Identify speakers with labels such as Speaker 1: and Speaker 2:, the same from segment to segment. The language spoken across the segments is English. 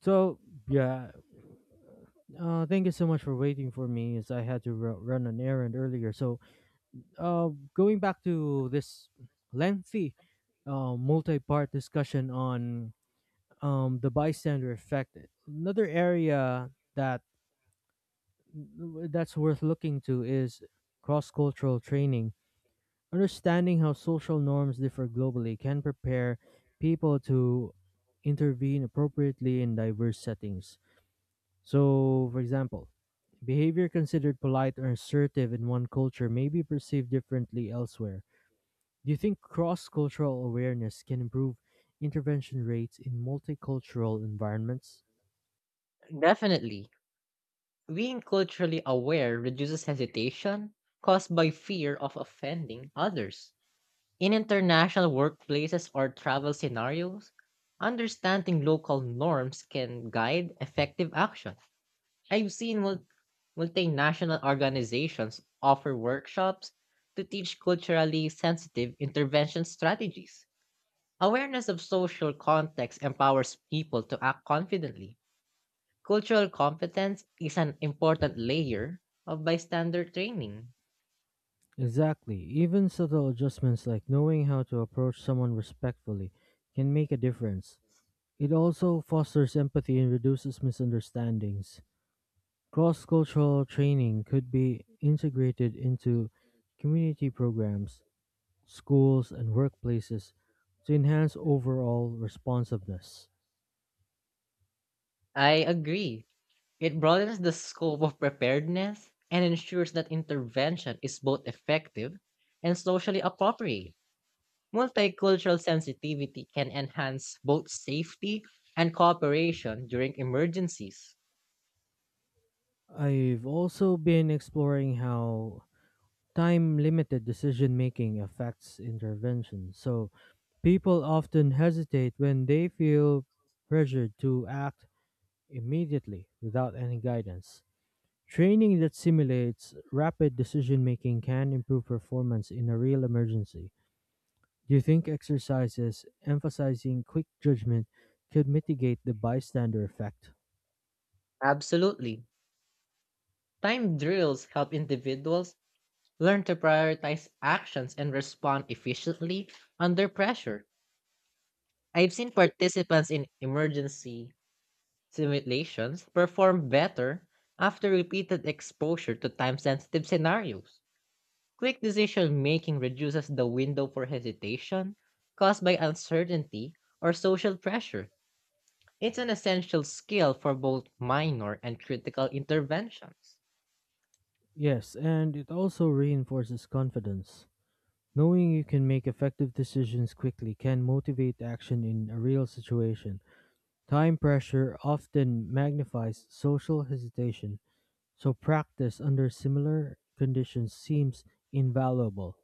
Speaker 1: So yeah, Thank you so much for waiting for me, as I had to run an errand earlier. Uh, Going back to this lengthy, multi-part discussion on the bystander effect. Another area that's worth looking to is cross-cultural training. Understanding how social norms differ globally can prepare people to intervene appropriately in diverse settings. So, for example, behavior considered polite or assertive in one culture may be perceived differently elsewhere. Do you think cross cultural awareness can improve intervention rates in multicultural environments?
Speaker 2: Definitely. Being culturally aware reduces hesitation caused by fear of offending others. In international workplaces or travel scenarios, understanding local norms can guide effective action. I've seen multinational organizations offer workshops to teach culturally sensitive intervention strategies. Awareness of social context empowers people to act confidently. Cultural competence is an important layer of bystander training.
Speaker 1: Exactly. Even subtle adjustments like knowing how to approach someone respectfully can make a difference. It also fosters empathy and reduces misunderstandings. Cross cultural training could be integrated into community programs, schools, and workplaces to enhance overall responsiveness.
Speaker 2: I agree. It broadens the scope of preparedness and ensures that intervention is both effective and socially appropriate. Multicultural sensitivity can enhance both safety and cooperation during emergencies.
Speaker 1: I've also been exploring how time limited decision making affects intervention. So people often hesitate when they feel pressured to act immediately without any guidance. Training that simulates rapid decision making can improve performance in a real emergency. Do you think exercises emphasizing quick judgment could mitigate the bystander effect?
Speaker 2: Absolutely. Time drills help individuals learn to prioritize actions and respond efficiently under pressure. I've seen participants in emergency simulations perform better after repeated exposure to time sensitive scenarios. Quick decision making reduces the window for hesitation caused by uncertainty or social pressure. It's an essential skill for both minor and critical interventions.
Speaker 1: Yes, and it also reinforces confidence. Knowing you can make effective decisions quickly can motivate action in a real situation. Time pressure often magnifies social hesitation, so practice under similar conditions seems invaluable.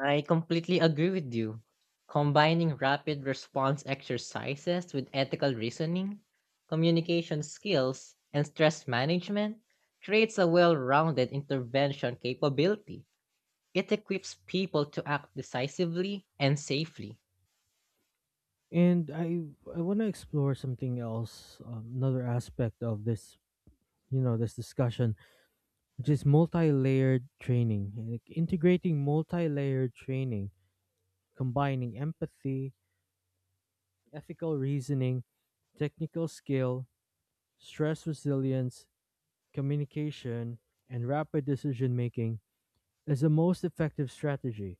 Speaker 2: I completely agree with you. Combining rapid response exercises with ethical reasoning, communication skills, and stress management creates a well rounded intervention capability. It equips people to act decisively and safely.
Speaker 1: And I want to explore something else, another aspect of this, this discussion, which is multi-layered training, like integrating multi-layered training combining empathy, ethical reasoning, technical skill, stress resilience, communication, and rapid decision making is the most effective strategy.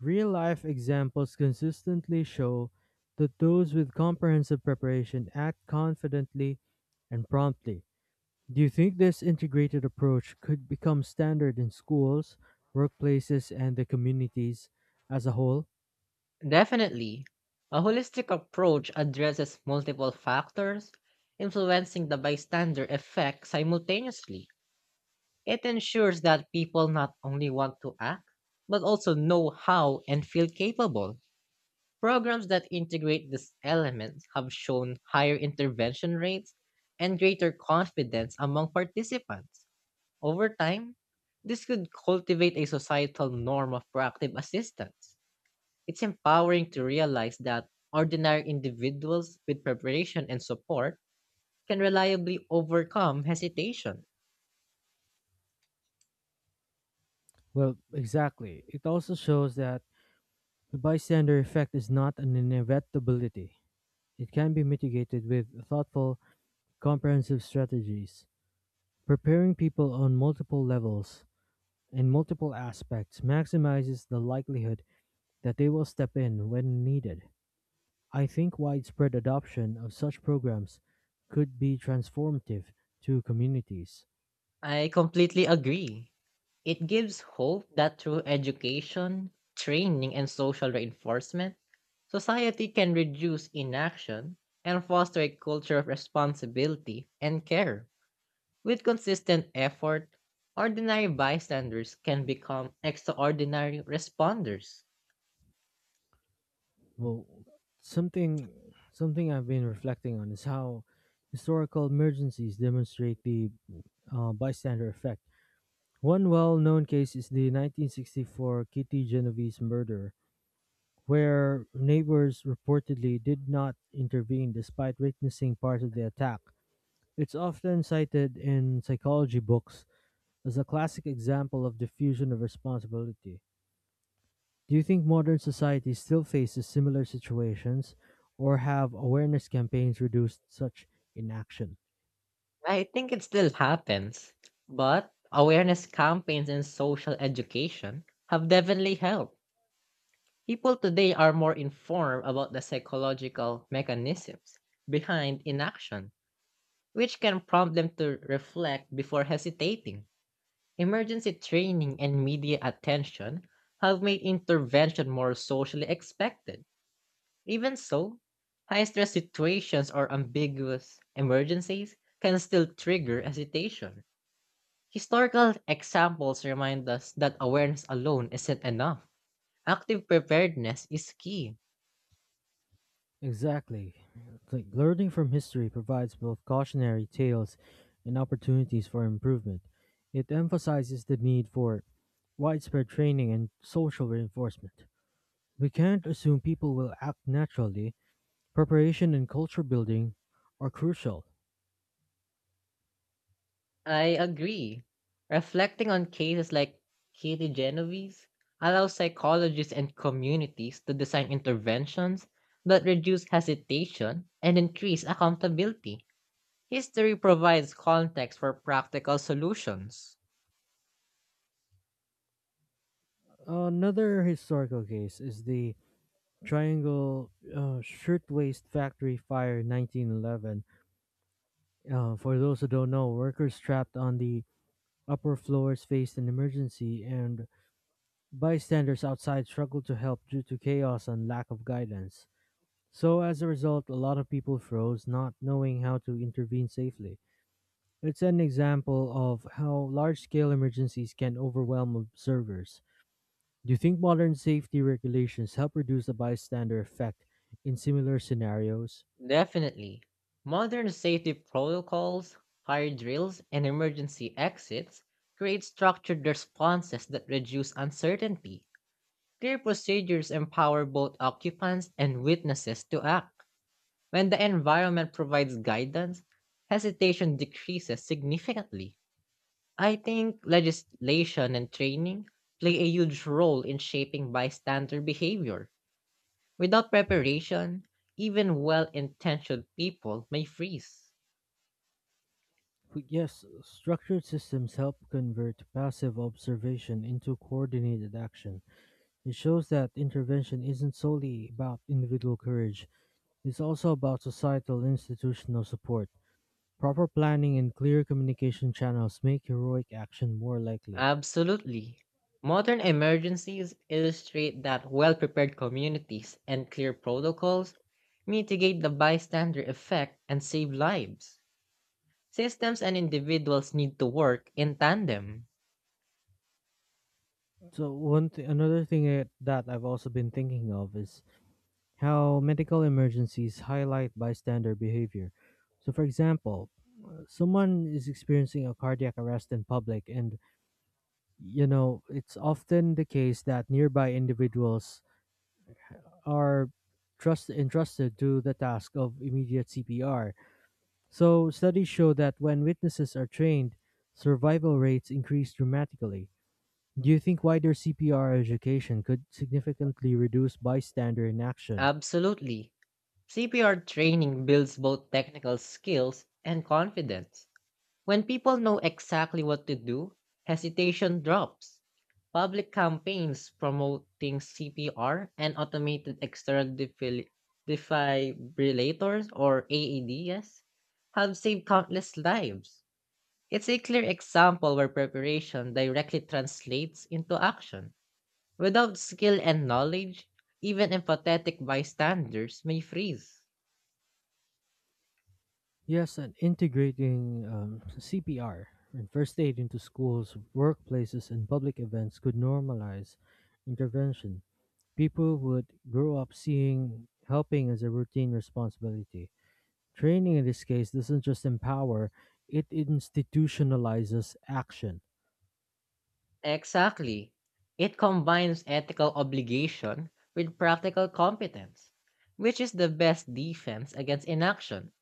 Speaker 1: Real life examples consistently show that those with comprehensive preparation act confidently and promptly. Do you think this integrated approach could become standard in schools, workplaces, and the communities as a whole?
Speaker 2: Definitely, a holistic approach addresses multiple factors, influencing the bystander effect simultaneously. It ensures that people not only want to act, but also know how and feel capable. Programs that integrate these elements have shown higher intervention rates and greater confidence among participants. Over time, this could cultivate a societal norm of proactive assistance. It's empowering to realize that ordinary individuals with preparation and support can reliably overcome hesitation.
Speaker 1: Well, exactly. It also shows that the bystander effect is not an inevitability. It can be mitigated with thoughtful, comprehensive strategies. Preparing people on multiple levels and multiple aspects maximizes the likelihood that they will step in when needed. I think widespread adoption of such programs could be transformative to communities.
Speaker 2: I completely agree. It gives hope that through education, training, and social reinforcement, society can reduce inaction and foster a culture of responsibility and care. With consistent effort, ordinary bystanders can become extraordinary responders.
Speaker 1: Well, something something I've been reflecting on is how historical emergencies demonstrate the bystander effect. One well-known case is the 1964 Kitty Genovese murder, where neighbors reportedly did not intervene despite witnessing part of the attack. It's often cited in psychology books as a classic example of diffusion of responsibility. Do you think modern society still faces similar situations, or have awareness campaigns reduced such inaction?
Speaker 2: I think it still happens, but awareness campaigns and social education have definitely helped. People today are more informed about the psychological mechanisms behind inaction, which can prompt them to reflect before hesitating. Emergency training and media attention have made intervention more socially expected. Even so, high stress situations or ambiguous emergencies can still trigger hesitation. Historical examples remind us that awareness alone isn't enough. Active preparedness is key.
Speaker 1: Exactly. Like learning from history provides both cautionary tales and opportunities for improvement. It emphasizes the need for widespread training and social reinforcement. We can't assume people will act naturally. Preparation and culture building are crucial.
Speaker 2: I agree. Reflecting on cases like Katie Genovese allows psychologists and communities to design interventions that reduce hesitation and increase accountability. History provides context for practical solutions.
Speaker 1: Another historical case is the Triangle Shirtwaist Factory Fire 1911. For those who don't know, workers trapped on the upper floors faced an emergency, and bystanders outside struggled to help due to chaos and lack of guidance. So, as a result, a lot of people froze, not knowing how to intervene safely. It's an example of how large scale emergencies can overwhelm observers. Do you think modern safety regulations help reduce the bystander effect in similar scenarios?
Speaker 2: Definitely. Modern safety protocols, fire drills, and emergency exits create structured responses that reduce uncertainty. Clear procedures empower both occupants and witnesses to act. When the environment provides guidance, hesitation decreases significantly. I think legislation and training play a huge role in shaping bystander behavior. Without preparation, even well intentioned people may freeze.
Speaker 1: But yes, structured systems help convert passive observation into coordinated action. It shows that intervention isn't solely about individual courage, it's also about societal and institutional support. Proper planning and clear communication channels make heroic action more likely.
Speaker 2: Absolutely. Modern emergencies illustrate that well prepared communities and clear protocols mitigate the bystander effect and save lives. Systems and individuals need to work in tandem.
Speaker 1: So another thing that I've also been thinking of is how medical emergencies highlight bystander behavior. So, for example, someone is experiencing a cardiac arrest in public, and you know it's often the case that nearby individuals are trust entrusted to the task of immediate CPR. So, studies show that when witnesses are trained, survival rates increase dramatically. Do you think wider CPR education could significantly reduce bystander inaction?
Speaker 2: Absolutely. CPR training builds both technical skills and confidence. When people know exactly what to do, hesitation drops. Public campaigns promoting CPR and automated external defibrillators or AEDs have saved countless lives. It's a clear example where preparation directly translates into action. Without skill and knowledge, even empathetic bystanders may freeze.
Speaker 1: Yes, and integrating CPR and first aid into schools, workplaces, and public events could normalize intervention. People would grow up seeing helping as a routine responsibility. Training in this case doesn't just empower, it institutionalizes action.
Speaker 2: Exactly. It combines ethical obligation with practical competence, which is the best defense against inaction.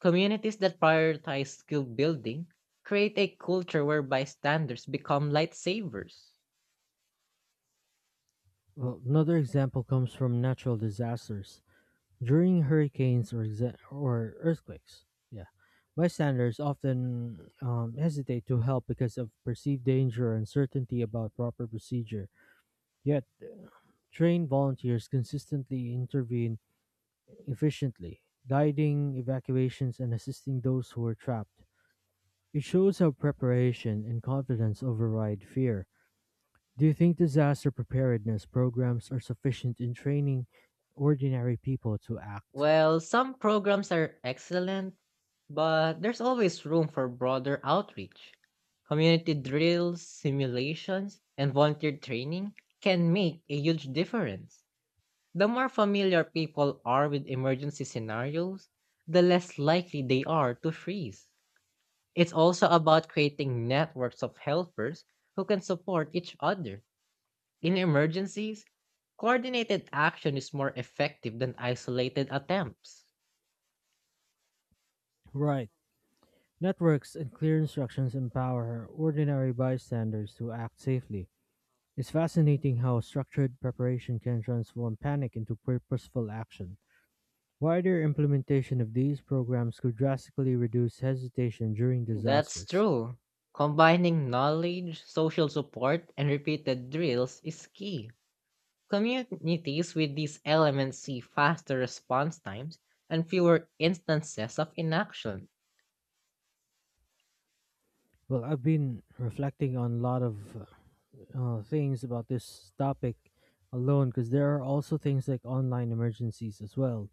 Speaker 2: Communities that prioritize skill building create a culture where bystanders become lightsabers.
Speaker 1: Well, another example comes from natural disasters, during hurricanes or or earthquakes. Yeah, bystanders often hesitate to help because of perceived danger or uncertainty about proper procedure. Yet, trained volunteers consistently intervene efficiently, guiding evacuations and assisting those who are trapped. It shows how preparation and confidence override fear. Do you think disaster preparedness programs are sufficient in training ordinary people to act?
Speaker 2: Well, some programs are excellent, but there's always room for broader outreach. Community drills, simulations, and volunteer training can make a huge difference. The more familiar people are with emergency scenarios, the less likely they are to freeze. It's also about creating networks of helpers who can support each other. In emergencies, coordinated action is more effective than isolated attempts.
Speaker 1: Right. Networks and clear instructions empower ordinary bystanders to act safely. It's fascinating how structured preparation can transform panic into purposeful action. Wider implementation of these programs could drastically reduce hesitation during
Speaker 2: That's
Speaker 1: disasters.
Speaker 2: true. Combining knowledge, social support, and repeated drills is key. Communities with these elements see faster response times and fewer instances of inaction.
Speaker 1: Well, I've been reflecting on a lot of things about this topic alone, because there are also things like online emergencies as well,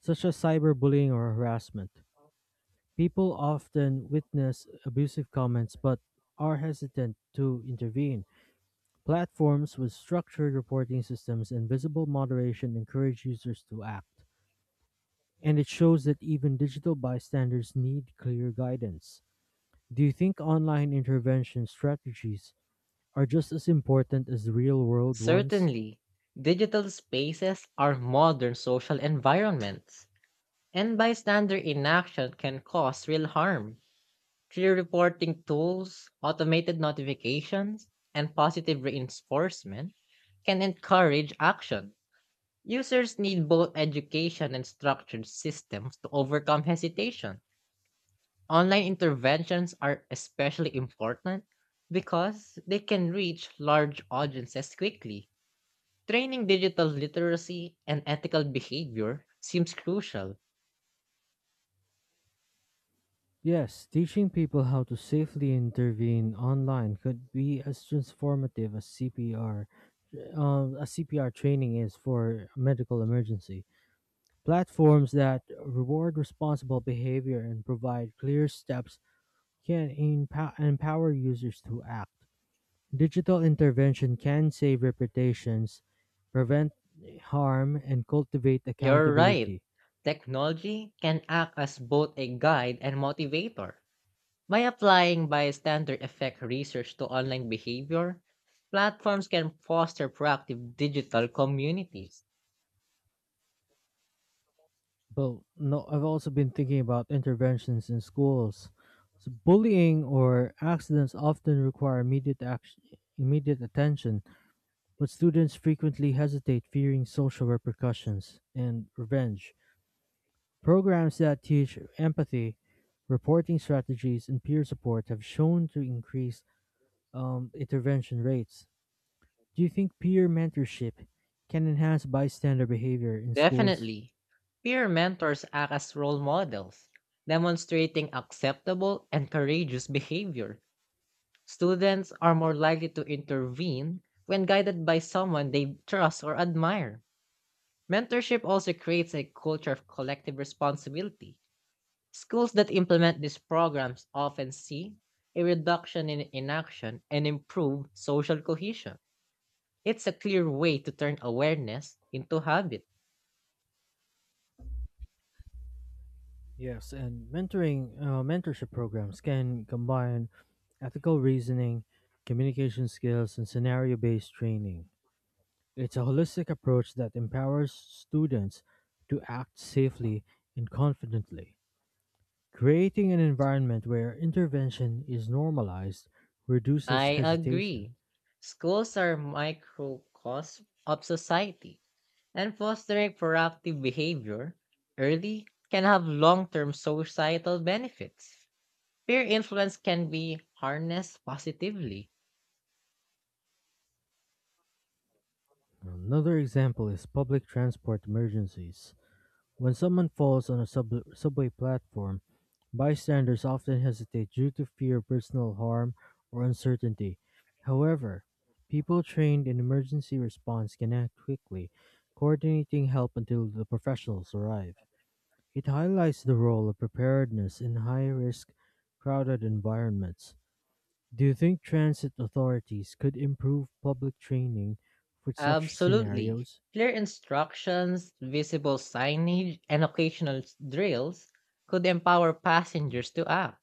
Speaker 1: such as cyberbullying or harassment. People often witness abusive comments but are hesitant to intervene. Platforms with structured reporting systems and visible moderation encourage users to act. And it shows that even digital bystanders need clear guidance. Do you think online intervention strategies are just as important as real world ones?
Speaker 2: Certainly, digital spaces are modern social environments, and bystander inaction can cause real harm. Clear reporting tools, automated notifications, and positive reinforcement can encourage action. Users need both education and structured systems to overcome hesitation. Online interventions are especially important because they can reach large audiences quickly. Training digital literacy and ethical behavior seems crucial.
Speaker 1: Yes, teaching people how to safely intervene online could be as transformative as CPR training is for medical emergency. Platforms that reward responsible behavior and provide clear steps can empower users to act. Digital intervention can save reputations, prevent harm, and cultivate
Speaker 2: You're right.
Speaker 1: accountability.
Speaker 2: Technology can act as both a guide and motivator. By applying bystander effect research to online behavior, platforms can foster proactive digital communities.
Speaker 1: But no, I've also been thinking about interventions in schools. So bullying or accidents often require immediate action, immediate attention. But students frequently hesitate, fearing social repercussions and revenge. Programs that teach empathy, reporting strategies, and peer support have shown to increase intervention rates. Do you think peer mentorship can enhance bystander behavior in schools?
Speaker 2: Definitely, peer mentors act as role models, demonstrating acceptable and courageous behavior. Students are more likely to intervene when guided by someone they trust or admire. Mentorship also creates a culture of collective responsibility. Schools that implement these programs often see a reduction in inaction and improve social cohesion. It's a clear way to turn awareness into habit.
Speaker 1: Yes, and mentoring mentorship programs can combine ethical reasoning, communication skills, and scenario based training. It's a holistic approach that empowers students to act safely and confidently. Creating an environment where intervention is normalized reduces
Speaker 2: I
Speaker 1: hesitation.
Speaker 2: agree. Schools are microcosm of society, and fostering proactive behavior early can have long term societal benefits. Peer influence can be harnessed positively.
Speaker 1: Another example is public transport emergencies. When someone falls on a subway platform, bystanders often hesitate due to fear of personal harm or uncertainty. However, people trained in emergency response can act quickly, coordinating help until the professionals arrive. It highlights the role of preparedness in high risk, crowded environments. Do you think transit authorities could improve public training for such
Speaker 2: Absolutely.
Speaker 1: scenarios?
Speaker 2: Clear instructions, visible signage, and occasional drills could empower passengers to act.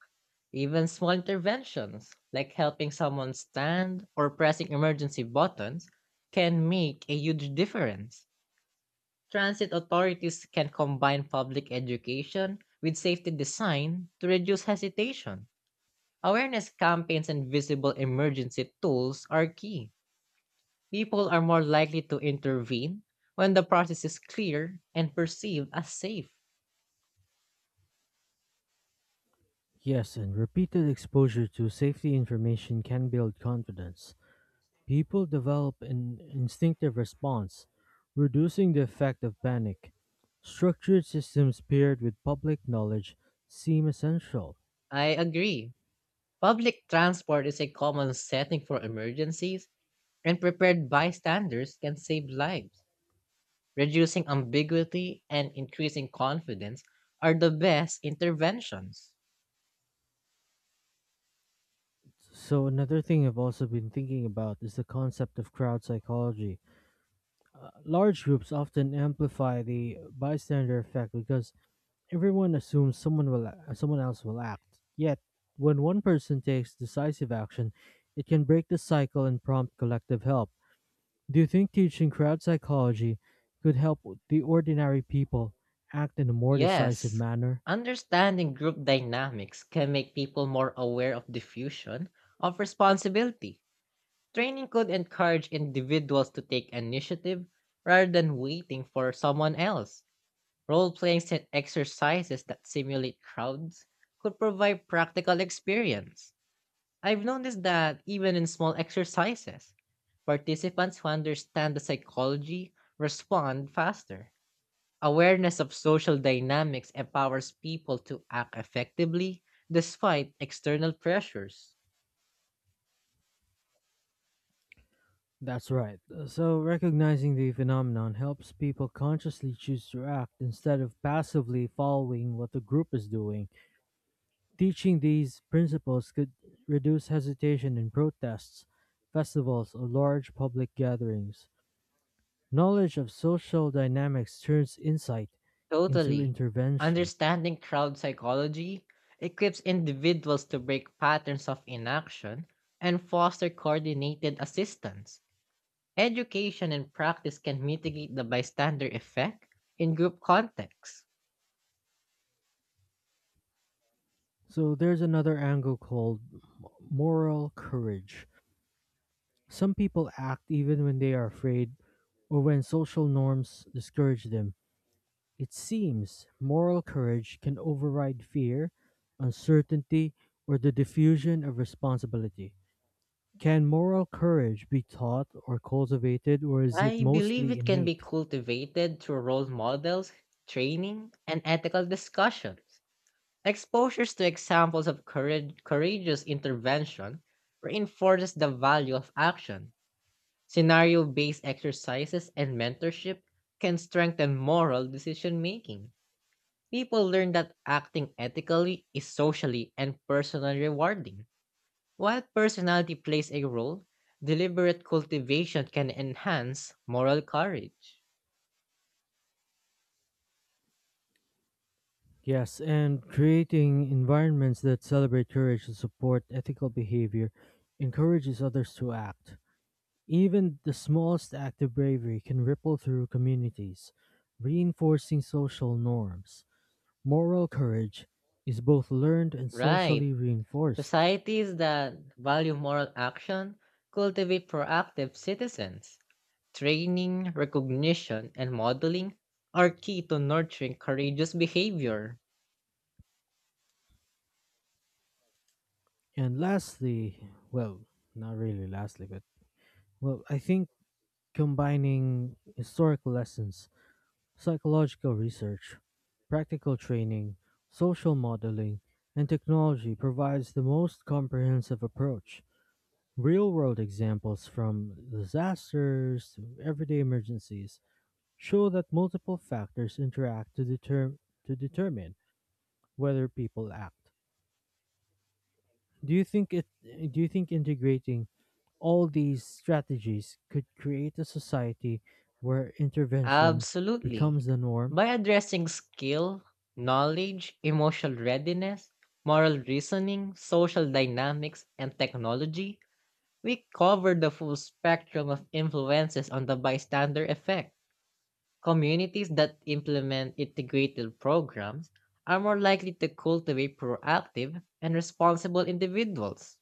Speaker 2: Even small interventions, like helping someone stand or pressing emergency buttons, can make a huge difference. Transit authorities can combine public education with safety design to reduce hesitation. Awareness campaigns and visible emergency tools are key. People are more likely to intervene when the process is clear and perceived as safe.
Speaker 1: Yes, and repeated exposure to safety information can build confidence. People develop an instinctive response, reducing the effect of panic. Structured systems paired with public knowledge seem essential.
Speaker 2: I agree. Public transport is a common setting for emergencies, and prepared bystanders can save lives. Reducing ambiguity and increasing confidence are the best interventions.
Speaker 1: So, another thing I've also been thinking about is the concept of crowd psychology. Large groups often amplify the bystander effect because everyone assumes someone else will act. Yet, when one person takes decisive action, it can break the cycle and prompt collective help. Do you think teaching crowd psychology could help the ordinary people act in a more decisive
Speaker 2: Yes,
Speaker 1: manner?
Speaker 2: understanding group dynamics can make people more aware of diffusion of responsibility. Training could encourage individuals to take initiative rather than waiting for someone else. Role playing set exercises that simulate crowds could provide practical experience. I've noticed that even in small exercises, participants who understand the psychology respond faster. Awareness of social dynamics empowers people to act effectively despite external pressures.
Speaker 1: That's right. So, recognizing the phenomenon helps people consciously choose to act instead of passively following what the group is doing. Teaching these principles could reduce hesitation in protests, festivals, or large public gatherings. Knowledge of social dynamics turns insight into
Speaker 2: Totally.
Speaker 1: intervention.
Speaker 2: Understanding crowd psychology equips individuals to break patterns of inaction and foster coordinated assistance. Education and practice can mitigate the bystander effect in group contexts.
Speaker 1: So there's another angle called moral courage. Some people act even when they are afraid or when social norms discourage them. It seems moral courage can override fear, uncertainty, or the diffusion of responsibility. Can moral courage be taught or cultivated, or is it
Speaker 2: I believe
Speaker 1: mostly
Speaker 2: it can be
Speaker 1: innate?
Speaker 2: cultivated through role models, training, and ethical discussions. Exposures to examples of courage, courageous intervention reinforces the value of action. Scenario based exercises and mentorship can strengthen moral decision making. People learn that acting ethically is socially and personally rewarding. While personality plays a role, deliberate cultivation can enhance moral courage.
Speaker 1: Yes, and creating environments that celebrate courage and support ethical behavior encourages others to act. Even the smallest act of bravery can ripple through communities, reinforcing social norms. Moral courage is both learned and socially
Speaker 2: Right.
Speaker 1: reinforced.
Speaker 2: Societies that value moral action cultivate proactive citizens. Training, recognition, and modeling are key to nurturing courageous behavior.
Speaker 1: And lastly, well, not really lastly, but well, I think combining historical lessons, psychological research, practical training, social modeling, and technology provides the most comprehensive approach. Real world examples from disasters to everyday emergencies show that multiple factors interact to determine whether people act. Do you think it do you think integrating all these strategies could create a society where intervention
Speaker 2: Absolutely.
Speaker 1: becomes the norm?
Speaker 2: By addressing skill, knowledge, emotional readiness, moral reasoning, social dynamics, and technology, we cover the full spectrum of influences on the bystander effect. Communities that implement integrated programs are more likely to cultivate proactive and responsible individuals.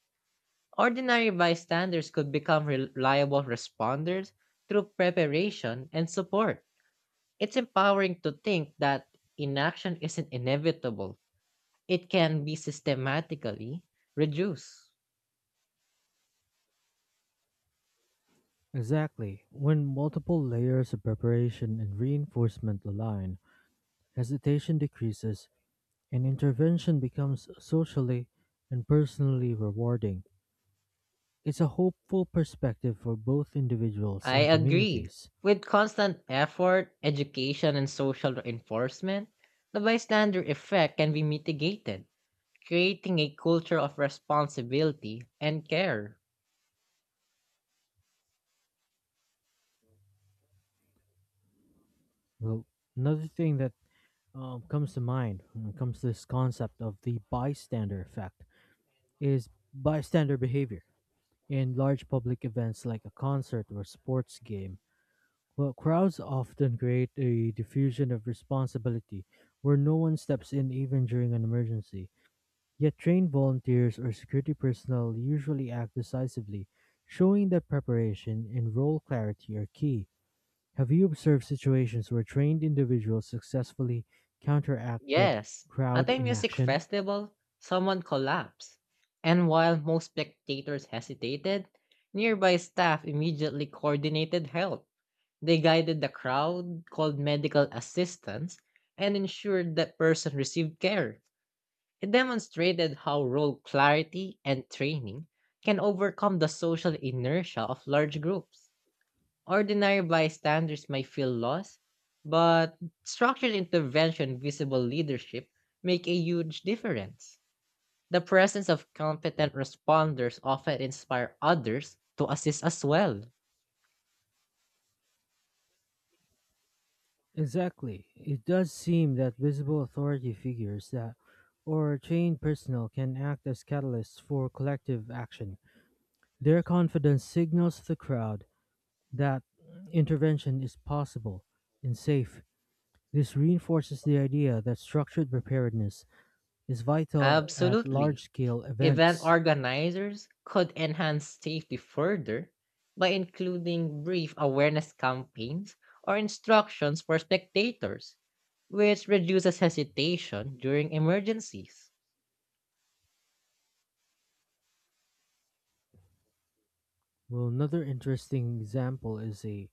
Speaker 2: Ordinary bystanders could become reliable responders through preparation and support. It's empowering to think that inaction isn't inevitable, it can be systematically reduced.
Speaker 1: Exactly. When multiple layers of preparation and reinforcement align, hesitation decreases and intervention becomes socially and personally rewarding. It's a hopeful perspective for both individuals
Speaker 2: I
Speaker 1: and
Speaker 2: agree.
Speaker 1: communities.
Speaker 2: With constant effort, education, and social reinforcement, the bystander effect can be mitigated, creating a culture of responsibility and care.
Speaker 1: Well, another thing that comes to mind when it comes to this concept of the bystander effect is bystander behavior. In large public events like a concert or sports game, well, crowds often create a diffusion of responsibility where no one steps in even during an emergency. Yet trained volunteers or security personnel usually act decisively, showing that preparation and role clarity are key. Have you observed situations where trained individuals successfully counteracted
Speaker 2: Yes, at
Speaker 1: crowd
Speaker 2: a music
Speaker 1: inaction?
Speaker 2: festival, someone collapsed, and while most spectators hesitated, nearby staff immediately coordinated help. They guided the crowd, called medical assistance, and ensured that person received care. It demonstrated how role clarity and training can overcome the social inertia of large groups. Ordinary bystanders may feel lost, but structured intervention, visible leadership make a huge difference. The presence of competent responders often inspire others to assist as well.
Speaker 1: Exactly. It does seem that visible authority figures that or trained personnel can act as catalysts for collective action. Their confidence signals the crowd that intervention is possible and safe. This reinforces the idea that structured preparedness is vital at large
Speaker 2: Absolutely.
Speaker 1: scale
Speaker 2: Event
Speaker 1: events.
Speaker 2: organizers could enhance safety further by including brief awareness campaigns or instructions for spectators, which reduces hesitation during emergencies.
Speaker 1: Well, another interesting example is a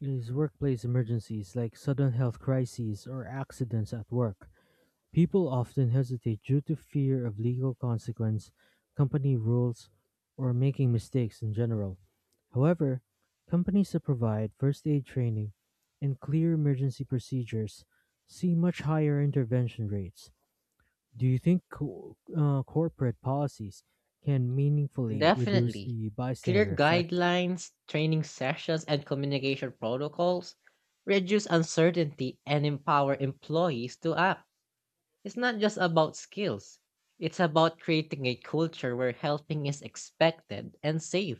Speaker 1: is workplace emergencies like sudden health crises or accidents at work. People often hesitate due to fear of legal consequence, company rules, or making mistakes in general. However, companies that provide first aid training and clear emergency procedures see much higher intervention rates. Do you think corporate policies can meaningfully reduce
Speaker 2: Definitely.
Speaker 1: the
Speaker 2: Clear
Speaker 1: bystander effect?
Speaker 2: guidelines, training sessions, and communication protocols reduce uncertainty and empower employees to act. It's not just about skills, it's about creating a culture where helping is expected and safe.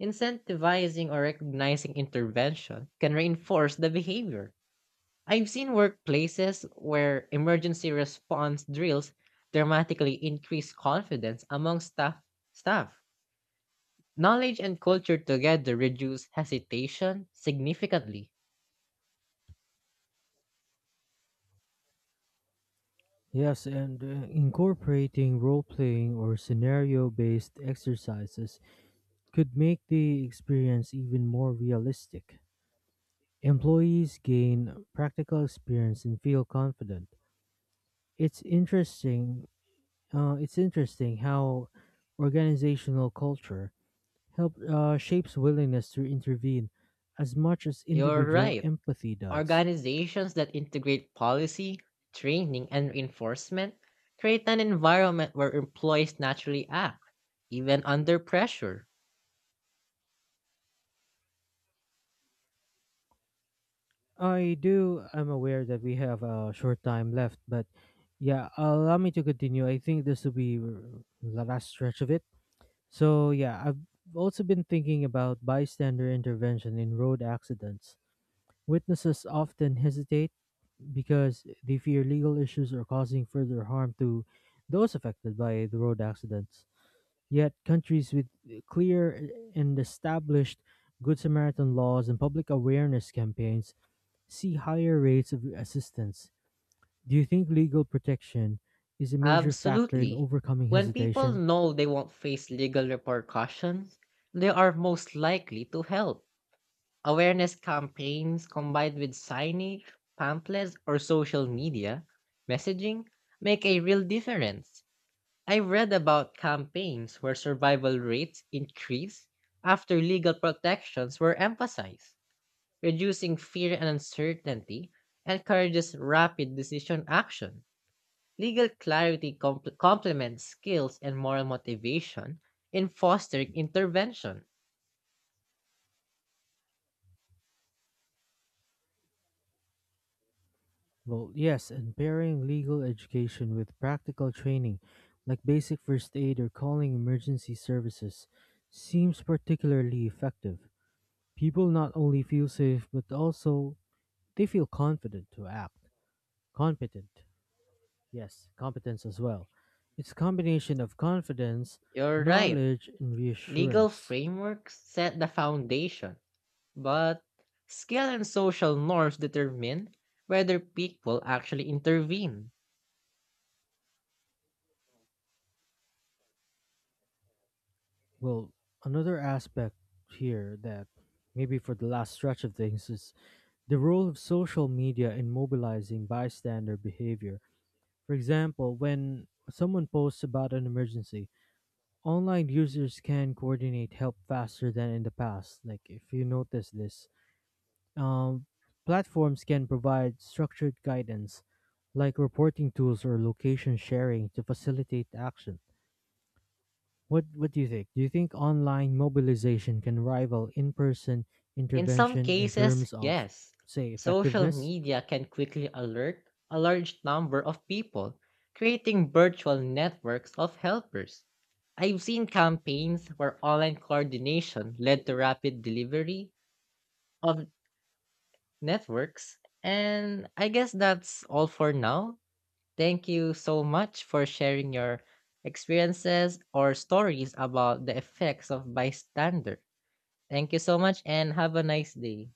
Speaker 2: Incentivizing or recognizing intervention can reinforce the behavior. I've seen workplaces where emergency response drills dramatically increase confidence among staff. Knowledge and culture together reduce hesitation significantly.
Speaker 1: Yes, and incorporating role playing or scenario based exercises could make the experience even more realistic. Employees gain practical experience and feel confident. It's interesting. It's interesting how organizational culture help shapes willingness to intervene as much as
Speaker 2: You're
Speaker 1: individual
Speaker 2: right.
Speaker 1: empathy does.
Speaker 2: Organizations that integrate policy, training, and reinforcement create an environment where employees naturally act, even under pressure.
Speaker 1: I do. I'm aware that we have a short time left, but yeah, allow me to continue. I think this will be the last stretch of it. So yeah, I've also been thinking about bystander intervention in road accidents. Witnesses often hesitate because they fear legal issues or causing further harm to those affected by the road accidents. Yet, countries with clear and established Good Samaritan laws and public awareness campaigns see higher rates of assistance. Do you think legal protection is a major factor in
Speaker 2: Absolutely.
Speaker 1: overcoming
Speaker 2: When people
Speaker 1: hesitation?
Speaker 2: know they won't face legal repercussions, they are most likely to help. Awareness campaigns combined with signage, pamphlets, or social media messaging make a real difference. I've read about campaigns where survival rates increase after legal protections were emphasized, reducing fear and uncertainty and encourages rapid decision action. Legal clarity complements skills and moral motivation in fostering intervention.
Speaker 1: Well, yes, and pairing legal education with practical training, like basic first aid or calling emergency services, seems particularly effective. People not only feel safe, but also they feel confident to act. Competent, yes, competence as well. It's a combination of confidence,
Speaker 2: You're right.
Speaker 1: knowledge, and
Speaker 2: Legal
Speaker 1: reassurance.
Speaker 2: frameworks set the foundation, but skill and social norms determine whether people actually intervene.
Speaker 1: Well, another aspect here that maybe for the last stretch of things is the role of social media in mobilizing bystander behavior. For example, when someone posts about an emergency, online users can coordinate help faster than in the past. Like if you notice this, um, platforms can provide structured guidance, like reporting tools or location sharing, to facilitate action. What do you think? Do you think online mobilization can rival in-person
Speaker 2: In some
Speaker 1: intervention in
Speaker 2: cases,
Speaker 1: terms of
Speaker 2: yes.
Speaker 1: say
Speaker 2: Social
Speaker 1: effectiveness?
Speaker 2: media can quickly alert a large number of people, creating virtual networks of helpers. I've seen campaigns where online coordination led to rapid delivery of networks, and I guess that's all for now. Thank you so much for sharing your experiences or stories about the effects of bystander. Thank you so much and have a nice day.